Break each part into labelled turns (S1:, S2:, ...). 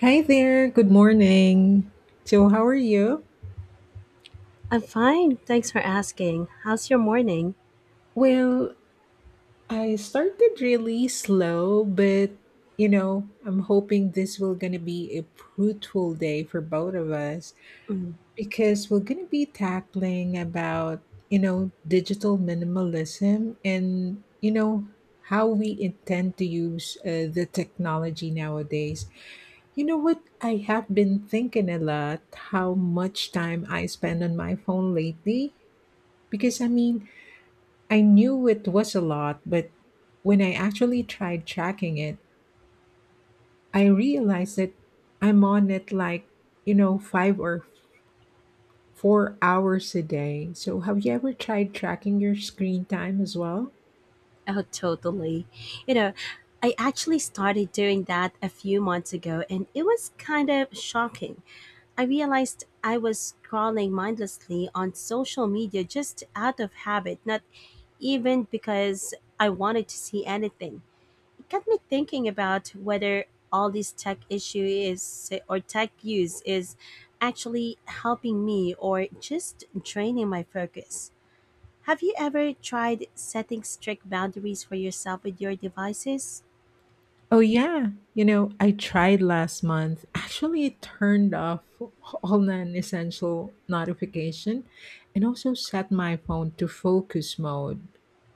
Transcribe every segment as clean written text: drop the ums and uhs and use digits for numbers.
S1: Hi there, good morning. So, how are you?
S2: I'm fine. Thanks for asking. How's your morning?
S1: Well, I started really slow, but you know, I'm hoping this will gonna be a fruitful day for both of us
S2: Mm.
S1: because we're gonna be tackling about, you know, digital minimalism and, you know, how we intend to use the technology nowadays. You know what? I have been thinking a lot how much time I spend on my phone lately. Because I mean, I knew it was a lot, but when I actually tried tracking it, I realized that I'm on it like, you know, 5 or 4 hours a day. So have you ever tried tracking your screen time as well?
S2: Oh, totally. You know, I actually started doing that a few months ago, and it was kind of shocking. I realized I was scrolling mindlessly on social media just out of habit, not even because I wanted to see anything. Got me thinking about whether all this tech use is actually helping me or just draining my focus. Have you ever tried setting strict boundaries for yourself with your devices?
S1: Oh, yeah. You know, I tried last month. Actually, it turned off all non essential notification and also set my phone to focus mode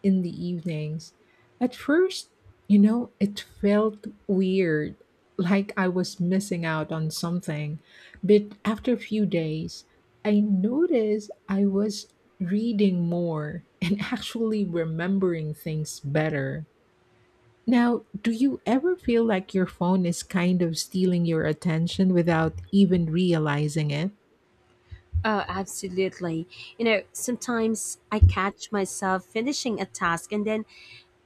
S1: in the evenings. At first, you know, it felt weird, like I was missing out on something. But after a few days, I noticed I was reading more and actually remembering things better. Now, do you ever feel like your phone is kind of stealing your attention without even realizing it?
S2: Oh, absolutely. You know, sometimes I catch myself finishing a task and then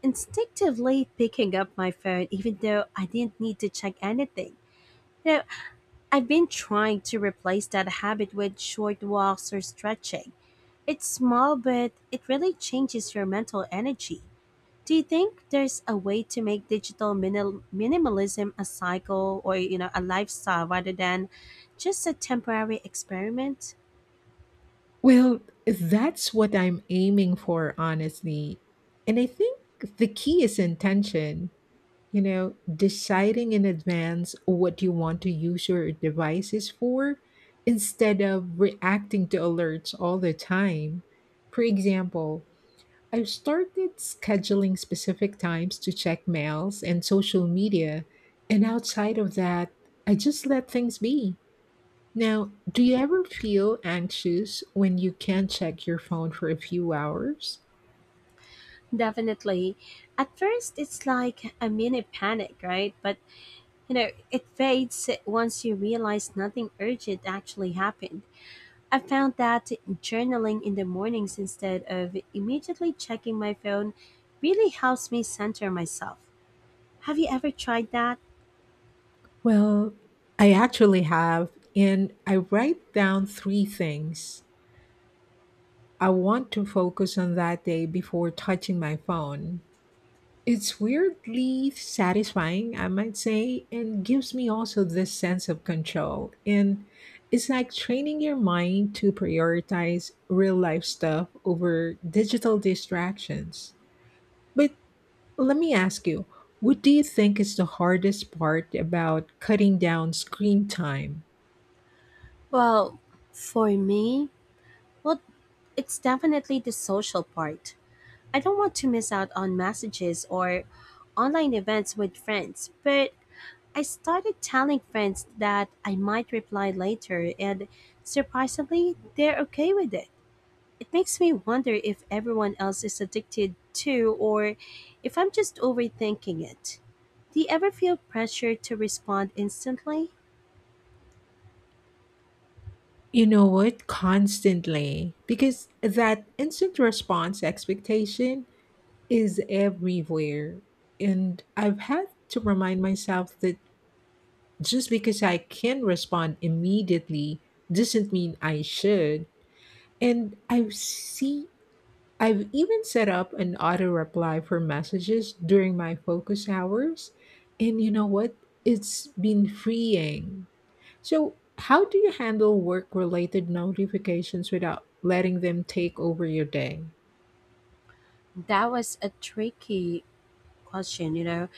S2: instinctively picking up my phone even though I didn't need to check anything. You know, I've been trying to replace that habit with short walks or stretching. It's small, but it really changes your mental energy. Do you think there's a way to make minimalism a cycle or, you know, a lifestyle rather than just a temporary experiment?
S1: Well, that's what I'm aiming for, honestly. And I think the key is intention. You know, deciding in advance what you want to use your devices for instead of reacting to alerts all the time. For example, I've started scheduling specific times to check mails and social media, and outside of that, I just let things be. Now, do you ever feel anxious when you can't check your phone for a few hours?
S2: Definitely. At first, it's like a mini panic, right? But, you know, it fades once you realize nothing urgent actually happened. I found that journaling in the mornings instead of immediately checking my phone really helps me center myself. Have you ever tried that?
S1: Well, I actually have, and I write down 3 things I want to focus on that day before touching my phone. It's weirdly satisfying, I might say, and gives me also this sense of control. And it's like training your mind to prioritize real life stuff over digital distractions. But let me ask you, what do you think is the hardest part about cutting down screen time?
S2: Well, for me, well, it's definitely the social part. I don't want to miss out on messages or online events with friends, but I started telling friends that I might reply later, and surprisingly, they're okay with it. It makes me wonder if everyone else is addicted too or if I'm just overthinking it. Do you ever feel pressure to respond instantly?
S1: You know what? Constantly. Because that instant response expectation is everywhere. And I've had to remind myself that just because I can respond immediately doesn't mean I should. And I see, I've even set up an auto reply for messages during my focus hours. And you know what? It's been freeing. So, how do you handle work related notifications without letting them take over your day?
S2: That was a tricky question, you know.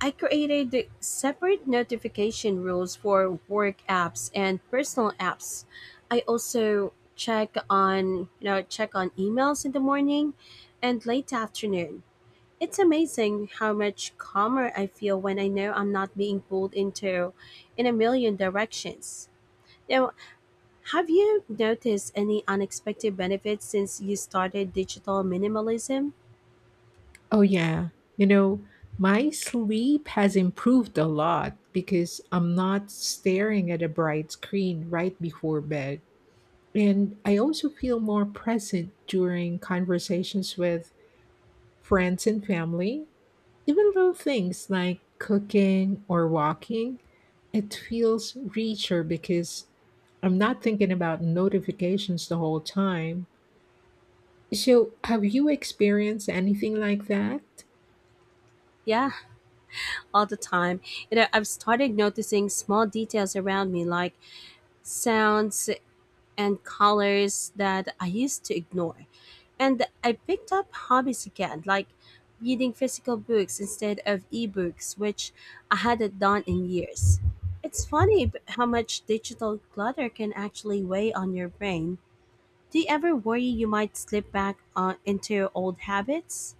S2: I created separate notification rules for work apps and personal apps. I also check on emails in the morning and late afternoon. It's amazing how much calmer I feel when I know I'm not being pulled into in a million directions. Now, have you noticed any unexpected benefits since you started digital minimalism?
S1: Oh, yeah. You know, my sleep has improved a lot because I'm not staring at a bright screen right before bed. And I also feel more present during conversations with friends and family. Even little things like cooking or walking, it feels richer because I'm not thinking about notifications the whole time. So, have you experienced anything like that?
S2: Yeah, all the time. You know, I've started noticing small details around me like sounds and colors that I used to ignore. And I picked up hobbies again, like reading physical books instead of ebooks, which I hadn't done in years. It's how much digital clutter can actually weigh on your brain. Do you ever worry you might slip back into old habits?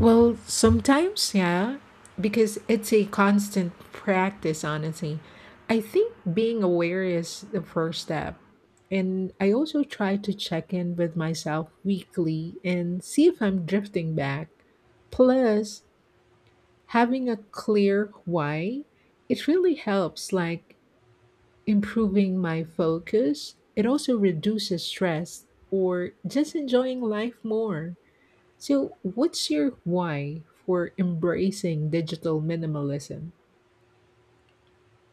S1: Well, sometimes, yeah, because it's a constant practice, honestly. I think being aware is the first step. And I also try to check in with myself weekly and see if I'm drifting back. Plus, having a clear why, it really helps, like improving my focus. It also reduces stress or just enjoying life more. So, what's your why for embracing digital minimalism?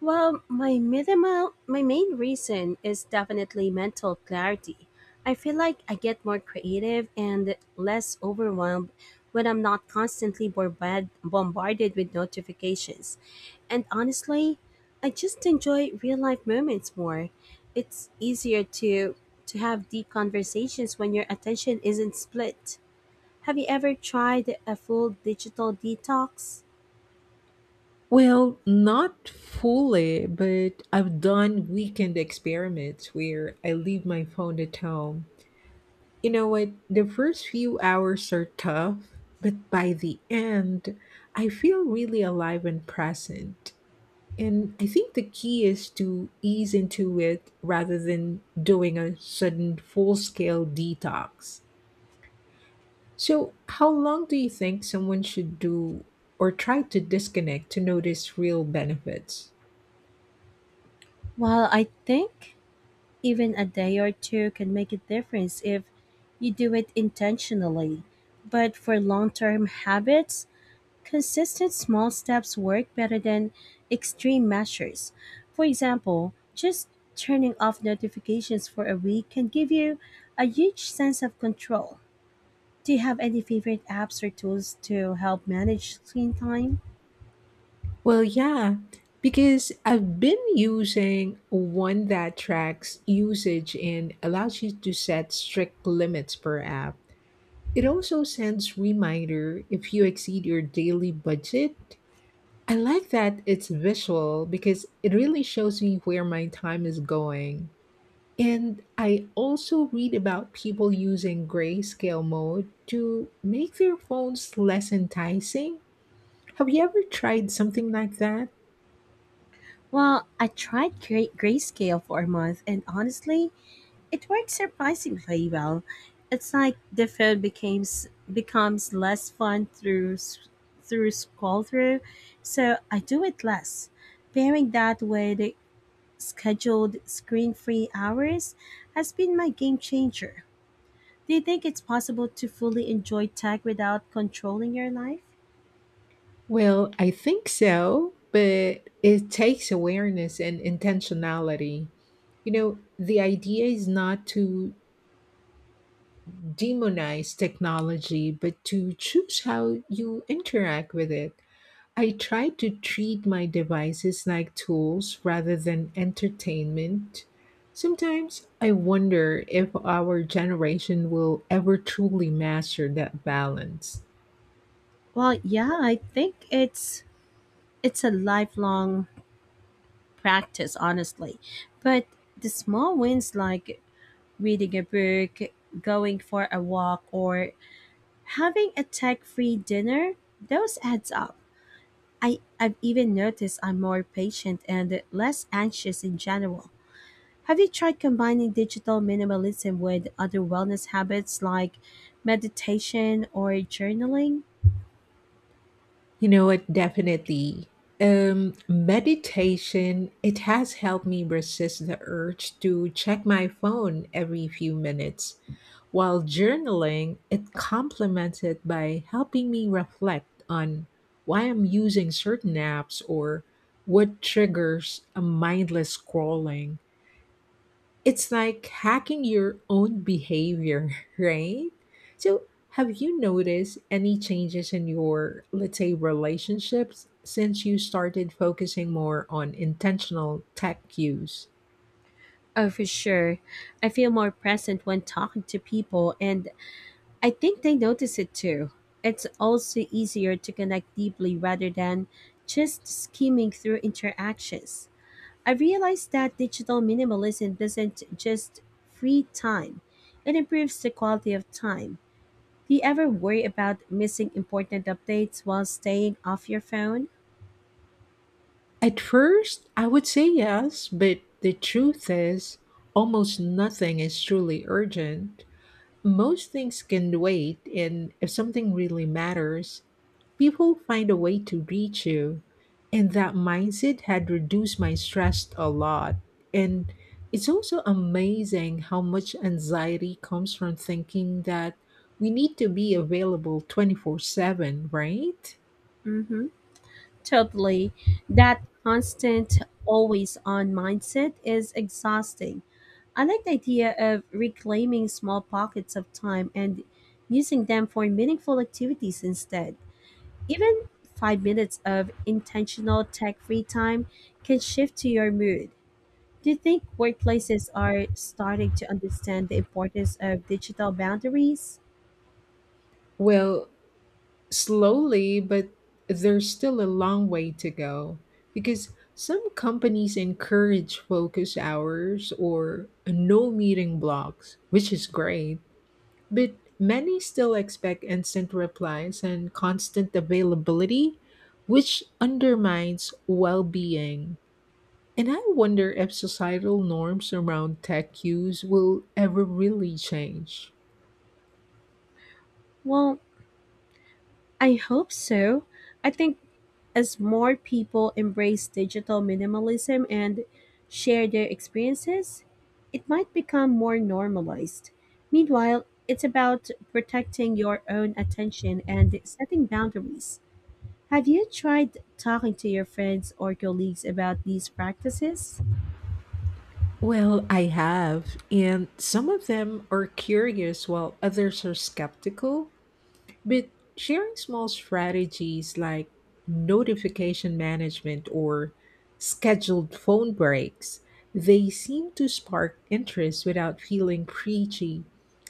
S2: Well, my main reason is definitely mental clarity. I feel like I get more creative and less overwhelmed when I'm not constantly bombarded with notifications. And honestly, I just enjoy real life moments more. It's easier to have deep conversations when your attention isn't split. Have you ever tried a full digital detox?
S1: Well, not fully, but I've done weekend experiments where I leave my phone at home. You know what? The first few hours are tough, but by the end, I feel really alive and present. And I think the key is to ease into it rather than doing a sudden full scale detox. So, how long do you think someone should do or try to disconnect to notice real benefits?
S2: Well, I think even a day or two can make a difference if you do it intentionally. But for long term habits, consistent small steps work better than extreme measures. For example, just turning off notifications for a week can give you a huge sense of control. Do you have any favorite apps or tools to help manage screen time?
S1: Well, yeah, because I've been using one that tracks usage and allows you to set strict limits per app. It also sends reminder if you exceed your daily budget. I like that it's visual because it really shows me where my time is going. And I also read about people using grayscale mode to make their phones less enticing. Have you ever tried something like that?
S2: Well, I tried Grayscale for a month, and honestly, it worked surprisingly well. It's like the food becomes less fun through scroll through, so I do it less. Pairing that with scheduled screen free hours has been my game changer. Do you think it's possible to fully enjoy tech without controlling your life?
S1: Well, I think so, but it takes awareness and intentionality. You know, the idea is not to demonize technology, but to choose how you interact with it. I try to treat my devices like tools rather than entertainment. Sometimes I wonder if our generation will ever truly master that balance.
S2: Well, yeah, I think it's a lifelong practice, honestly. But the small wins like reading a book, going for a walk, or having a tech free dinner, those adds up. I've even noticed I'm more patient and less anxious in general. Have you tried combining digital minimalism with other wellness habits like meditation or journaling?
S1: You know what? Definitely. Meditation, it has helped me resist the urge to check my phone every few minutes. While journaling, it complements it by helping me reflect on why I'm using certain apps or what triggers a mindless scrolling. It's like hacking your own behavior, right? So, have you noticed any changes in your, let's say, relationships since you started focusing more on intentional tech use?
S2: Oh, for sure. I feel more present when talking to people, and I think they notice it too. It's also easier to connect deeply rather than just skimming through interactions. I realized that digital minimalism doesn't just free time, it improves the quality of time. Do you ever worry about missing important updates while staying off your phone?
S1: At first, I would say yes, but the truth is, almost nothing is truly urgent. Most things can wait, and if something really matters, people find a way to reach you. And that mindset had reduced my stress a lot. And it's also amazing how much anxiety comes from thinking that we need to be available 24/7, right?
S2: Mm-hmm. Totally. That constant always on mindset is exhausting. I like the idea of reclaiming small pockets of time and using them for meaningful activities instead. Even 5 minutes of intentional tech free time can shift to your mood. Do you think workplaces are starting to understand the importance of digital boundaries?
S1: Well, slowly, but there's still a long way to go because some companies encourage focus hours or no meeting blocks, which is great, but many still expect instant replies and constant availability, which undermines well being. And I wonder if societal norms around tech use will ever really change.
S2: Well, I hope so. I think as more people embrace digital minimalism and share their experiences, it might become more normalized. Meanwhile, it's about protecting your own attention and setting boundaries. Have you tried talking to your friends or colleagues about these practices?
S1: Well, I have, and some of them are curious while others are skeptical. But sharing small strategies like notification management or scheduled phone breaks, they seem to spark interest without feeling preachy.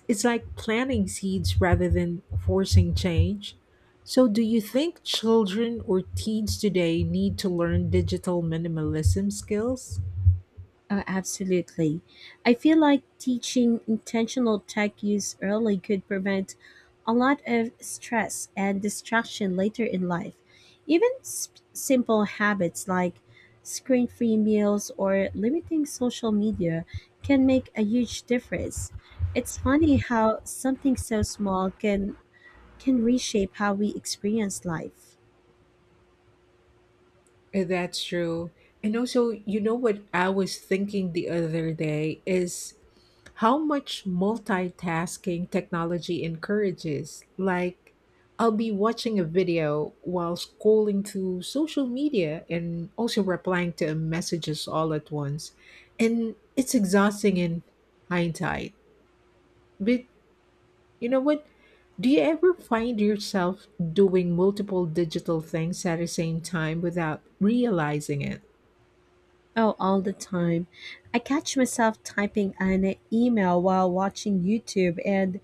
S1: It's like planting seeds rather than forcing change. So, do you think children or teens today need to learn digital minimalism skills?
S2: Absolutely. I feel like teaching intentional tech use early could prevent a lot of stress and distraction later in life. Even simple habits like screen free meals or limiting social media can make a huge difference. It's funny how something so small can reshape how we experience life.
S1: That's true. And also, you know what I was thinking the other day is how much multitasking technology encourages. Like, I'll be watching a video while scrolling through social media and also replying to messages all at once. And it's exhausting in hindsight. But you know what? Do you ever find yourself doing multiple digital things at the same time without realizing it?
S2: Oh, all the time. I catch myself typing an email while watching YouTube and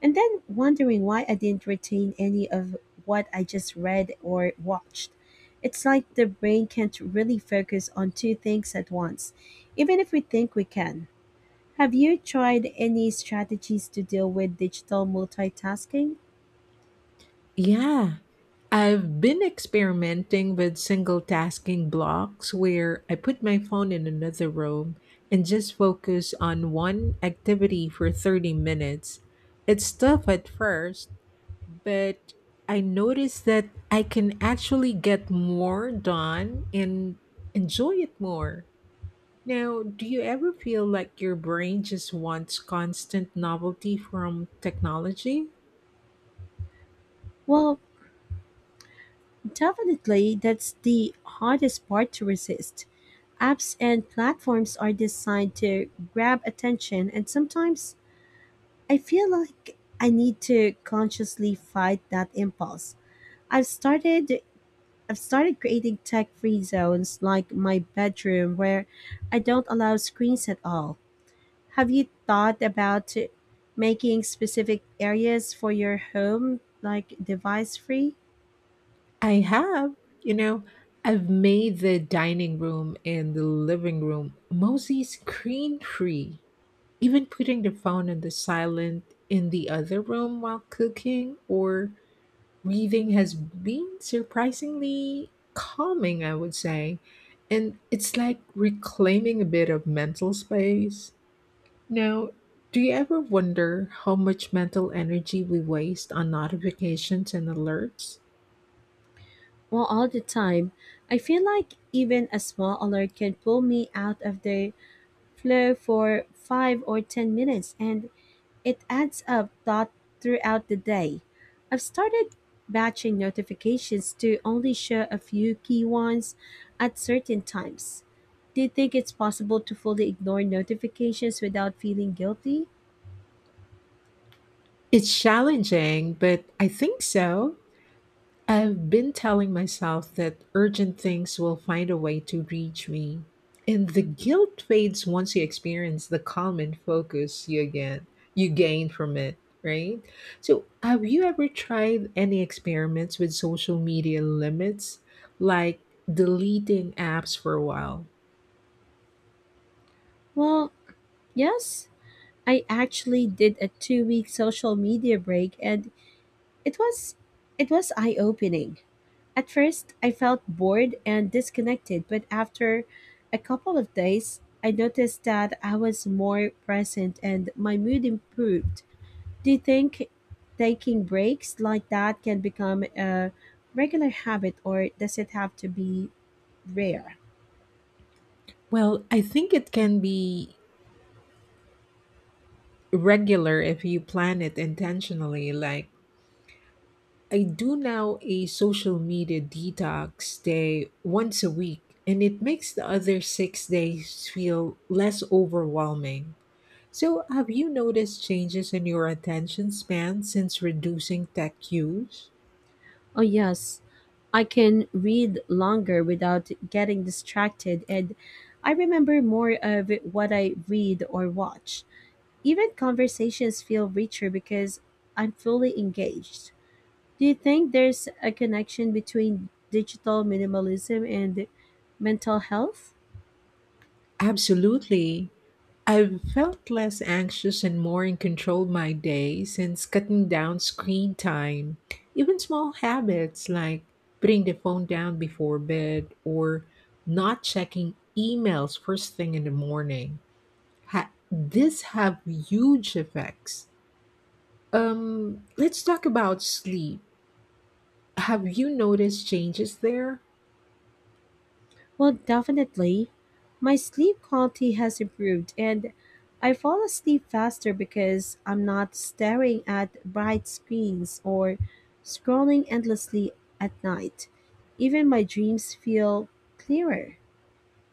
S2: then wondering why I didn't retain any of what I just read or watched. It's like the brain can't really focus on two things at once, even if we think we can. Have you tried any strategies to deal with digital multitasking?
S1: Yeah. I've been experimenting with single tasking blocks where I put my phone in another room and just focus on one activity for 30 minutes. It's tough at first, but I noticed that I can actually get more done and enjoy it more. Now, do you ever feel like your brain just wants constant novelty from technology?
S2: Well, definitely that's the hardest part to resist. Apps and platforms are designed to grab attention, and sometimes I feel like I need to consciously fight that impulse. I've started I've started creating tech-free zones like my bedroom where I don't allow screens at all. Have you thought about making specific areas for your home like device-free?
S1: I have, you know, I've made the dining room and the living room mostly screen free. Even putting the phone on the silent in the other room while cooking or reading has been surprisingly calming, I would say. And it's like reclaiming a bit of mental space. Now, do you ever wonder how much mental energy we waste on notifications and alerts?
S2: Well, all the time. I feel like even a small alert can pull me out of the flow for 5 or 10 minutes and it adds up thought throughout the day. I've started batching notifications to only show a few key ones at certain times. Do you think it's possible to fully ignore notifications without feeling guilty?
S1: It's challenging, but I think so. I've been telling myself that urgent things will find a way to reach me. And the guilt fades once you experience the calm and focus you again you gain from it, right? So have you ever tried any experiments with social media limits, like deleting apps for a while?
S2: Well, yes, I actually did a two-week social media break and it was it was eye-opening. At first, I felt bored and disconnected, but after a couple of days, I noticed that I was more present and my mood improved. Do you think taking breaks like that can become a regular habit or does it have to be rare?
S1: Well, I think it can be regular if you plan it intentionally, like I do now a social media detox day once a week, and it makes the other 6 days feel less overwhelming. So, have you noticed changes in your attention span since reducing tech use?
S2: Oh, yes. I can read longer without getting distracted, and I remember more of what I read or watch. Even conversations feel richer because I'm fully engaged. Do you think there's a connection between digital minimalism and mental health?
S1: Absolutely. I've felt less anxious and more in control of my day since cutting down screen time. Even small habits like putting the phone down before bed or not checking emails first thing in the morning. This have huge effects. Let's talk about sleep. Have you noticed changes there?
S2: Well, definitely. My sleep quality has improved and I fall asleep faster because I'm not staring at bright screens or scrolling endlessly at night. Even my dreams feel clearer.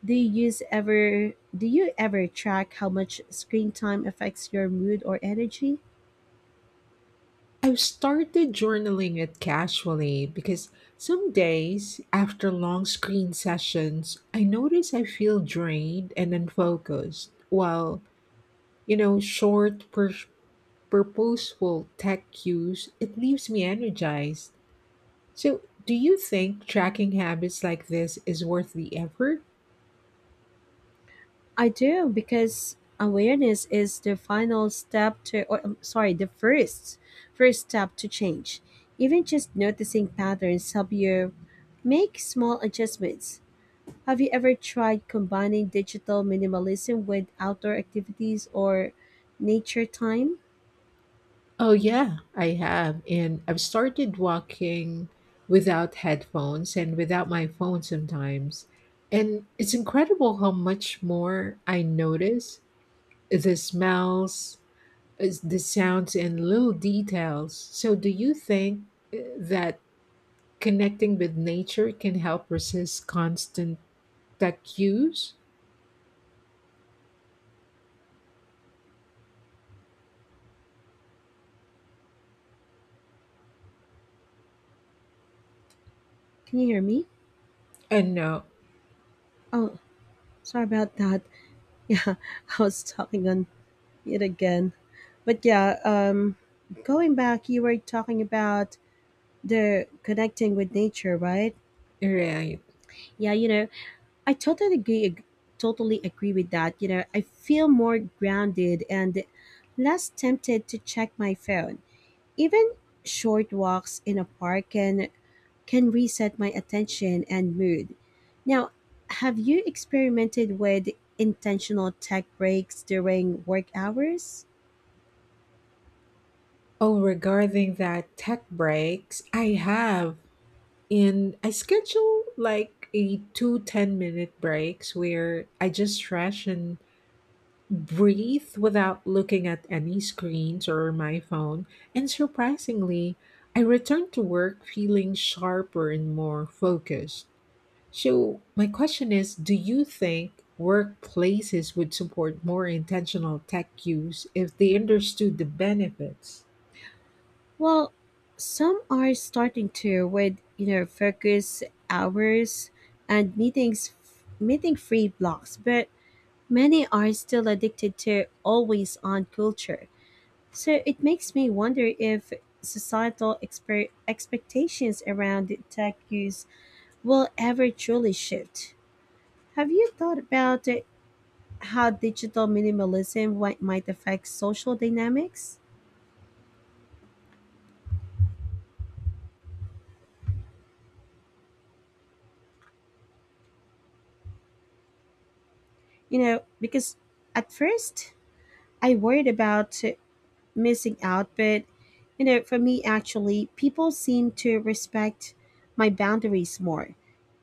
S2: Do you ever track how much screen time affects your mood or energy?
S1: I've started journaling it casually because some days after long screen sessions, I notice I feel drained and unfocused, while, you know, short, purposeful tech cues, it leaves me energized. So, do you think tracking habits like this is worth the effort?
S2: I do because awareness is the final step to, or sorry, the first step to change. Even just noticing patterns help you make small adjustments. Have you ever tried combining digital minimalism with outdoor activities or nature time?
S1: Oh, yeah, I have. And I've started walking without headphones and without my phone sometimes. And it's incredible how much more I notice the smells, the sounds, and little details. So, do you think that connecting with nature can help resist constant tech use?
S2: Can you hear me?
S1: And no,
S2: Oh, sorry about that. Yeah, I was talking on it again. But yeah, going back, you were talking about the connecting with nature, right?
S1: right.
S2: Yeah, you know, I totally agree. Totally agree with that. You know, I feel more grounded and less tempted to check my phone. Even short walks in a park can reset my attention and mood. Now, have you experimented with intentional tech breaks during work hours?
S1: Oh, regarding that tech breaks, I have. And I schedule like a two 10-minute breaks where I just stretch and breathe without looking at any screens or my phone. And surprisingly, I return to work feeling sharper and more focused. So, my question is, do you think workplaces would support more intentional tech use if they understood the benefits?
S2: Well, some are starting to with, you know, focus hours and meeting free blocks, but many are still addicted to always on culture. So it makes me wonder if societal expectations around tech use will ever truly shift. Have you thought about how digital might affect social dynamics? You know, because at first I worried about missing out, but, you know, for me actually people seem to respect my boundaries more.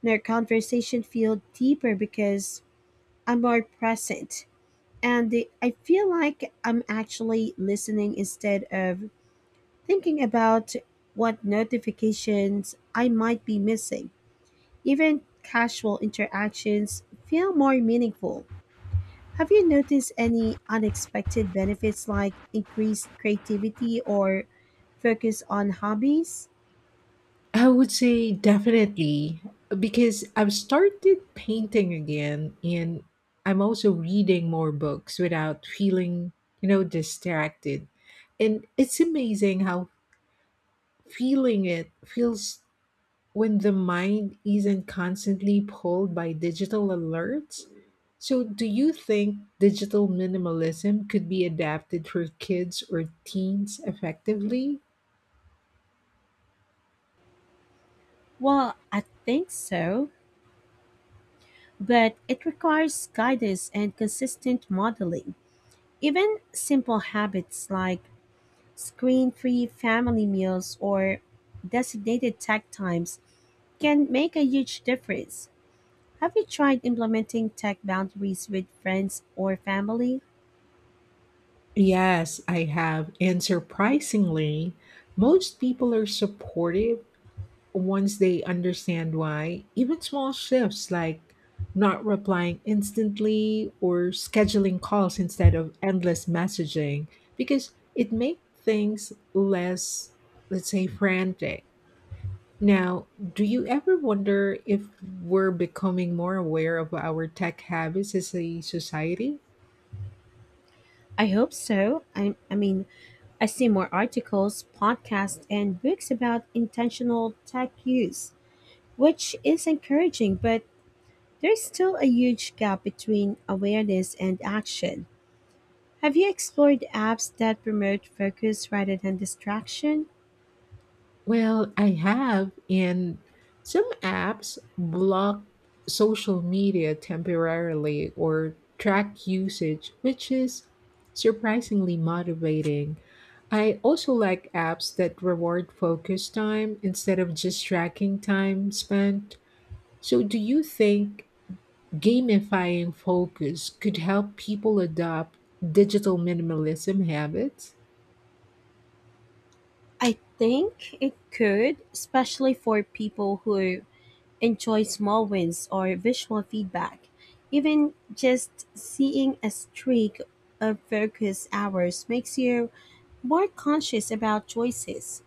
S2: Their conversation feel deeper because I'm more present, and I feel like I'm actually listening instead of thinking about what notifications I might be missing. Even casual interactions feel more meaningful. Have you noticed any unexpected benefits like increased creativity or focus on hobbies?
S1: I would say definitely because I've started painting again and I'm also reading more books without feeling, you know, distracted. And it's amazing how feeling it feels when the mind isn't constantly pulled by digital alerts. So, do you think digital minimalism could be adapted for kids or teens effectively?
S2: Well, I think so, but it requires guidance and consistent modeling. Even simple habits like screen free family meals or designated tech times can make a huge difference. Have you tried implementing tech boundaries with friends or family?
S1: Yes, I have. And surprisingly, most people are supportive once they understand why. Even small shifts like not replying instantly or scheduling calls instead of endless messaging because it makes things less, let's say, frantic. Now, do you ever wonder if we're becoming more aware of our tech habits as a society?
S2: I hope so. I see more articles, podcasts, and books about intentional tech use, which is encouraging, but there's still a huge gap between awareness and action. Have you explored apps that promote focus rather than distraction?
S1: Well, I have, and some apps block social media temporarily or track usage, which is surprisingly motivating. I also like apps that reward focus time instead of just tracking time spent. So, do you think gamifying focus could help people adopt digital minimalism habits?
S2: I think it could, especially for people who enjoy small wins or visual feedback. Even just seeing a streak of focus hours makes you more conscious about choices.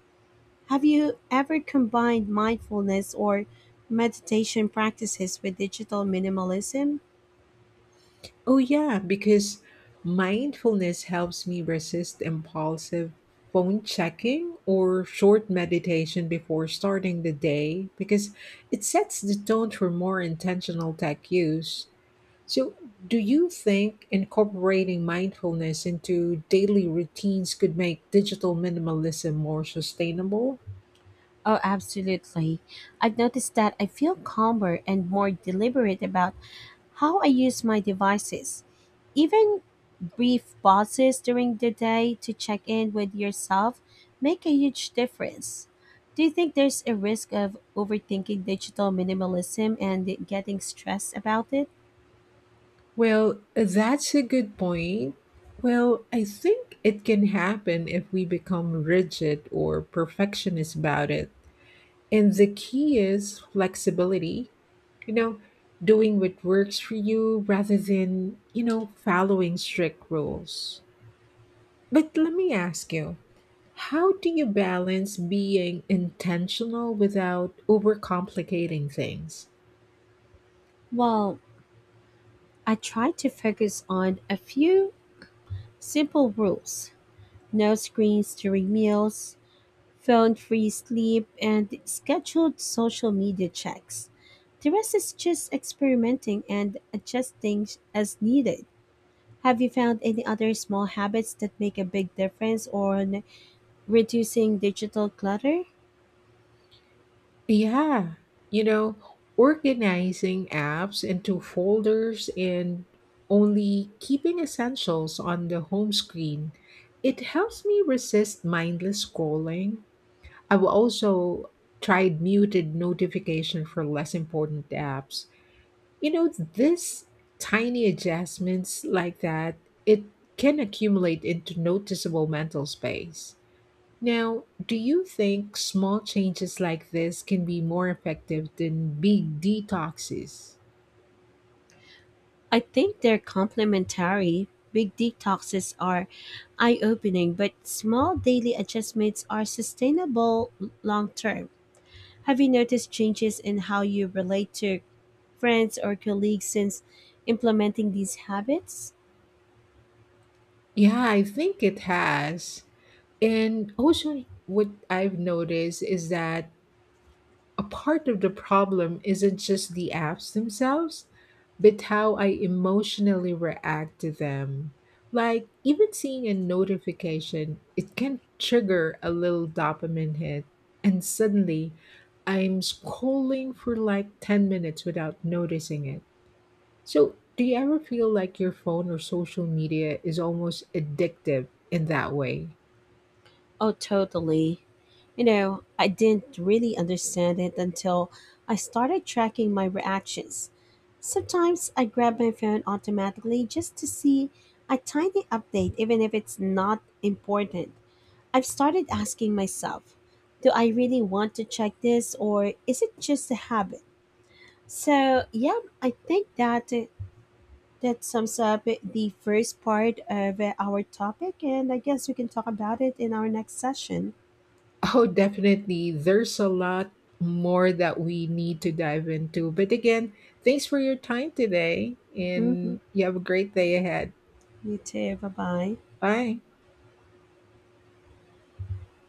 S2: Have you ever combined mindfulness or meditation practices with digital minimalism?
S1: Oh, yeah, because mindfulness helps me resist impulsive phone checking or short meditation before starting the day because it sets the tone for more intentional tech use. So, do you think incorporating mindfulness into daily routines could make digital minimalism more sustainable?
S2: Oh, absolutely. I've noticed that I feel calmer and more deliberate about how I use my devices. Even brief pauses during the day to check in with yourself make a huge difference. Do you think there's a risk of overthinking digital minimalism and getting stressed about it?
S1: Well, that's a good point. Well, I think it can happen if we become rigid or perfectionist about it. And the key is flexibility, you know, doing what works for you rather than, you know, following strict rules. But let me ask you, how do you balance being intentional without overcomplicating things?
S2: Well, I try to focus on a few simple rules: no screens during meals, phone free sleep, and scheduled social media checks. The rest is just experimenting and adjusting as needed. Have you found any other small habits that make a big difference on reducing digital clutter?
S1: Yeah, you know, organizing apps into folders and only keeping essentials on the home screen. It helps me resist mindless scrolling. I've also tried muted notification for less important apps. You know, this tiny adjustments like that, it can accumulate into noticeable mental space. Now, do you think small changes like this can be more effective than big detoxes?
S2: I think they're complementary. Big detoxes are eye opening, but small daily adjustments are sustainable long term. Have you noticed changes in how you relate to friends or colleagues since implementing these habits?
S1: Yeah, I think it has. And also, what I've noticed is that a part of the problem isn't just the apps themselves, but how I emotionally react to them. Like, even seeing a notification, it can trigger a little dopamine hit, and suddenly I'm scrolling for like 10 minutes without noticing it. So, do you ever feel like your phone or social media is almost addictive in that way?
S2: Oh, totally. You know, I didn't really understand it until I started tracking my reactions. Sometimes I grab my phone automatically just to see a tiny update, even if it's not important. I've started asking myself, do I really want to check this or is it just a habit? So, yeah, I think that that sums up the first part of our topic, and I guess we can talk about it in our next session.
S1: Oh, definitely. There's a lot more that we need to dive into. But again, thanks for your time today,
S2: Hmm.
S1: and you have a great day ahead.
S2: You too. Bye bye.
S1: Bye.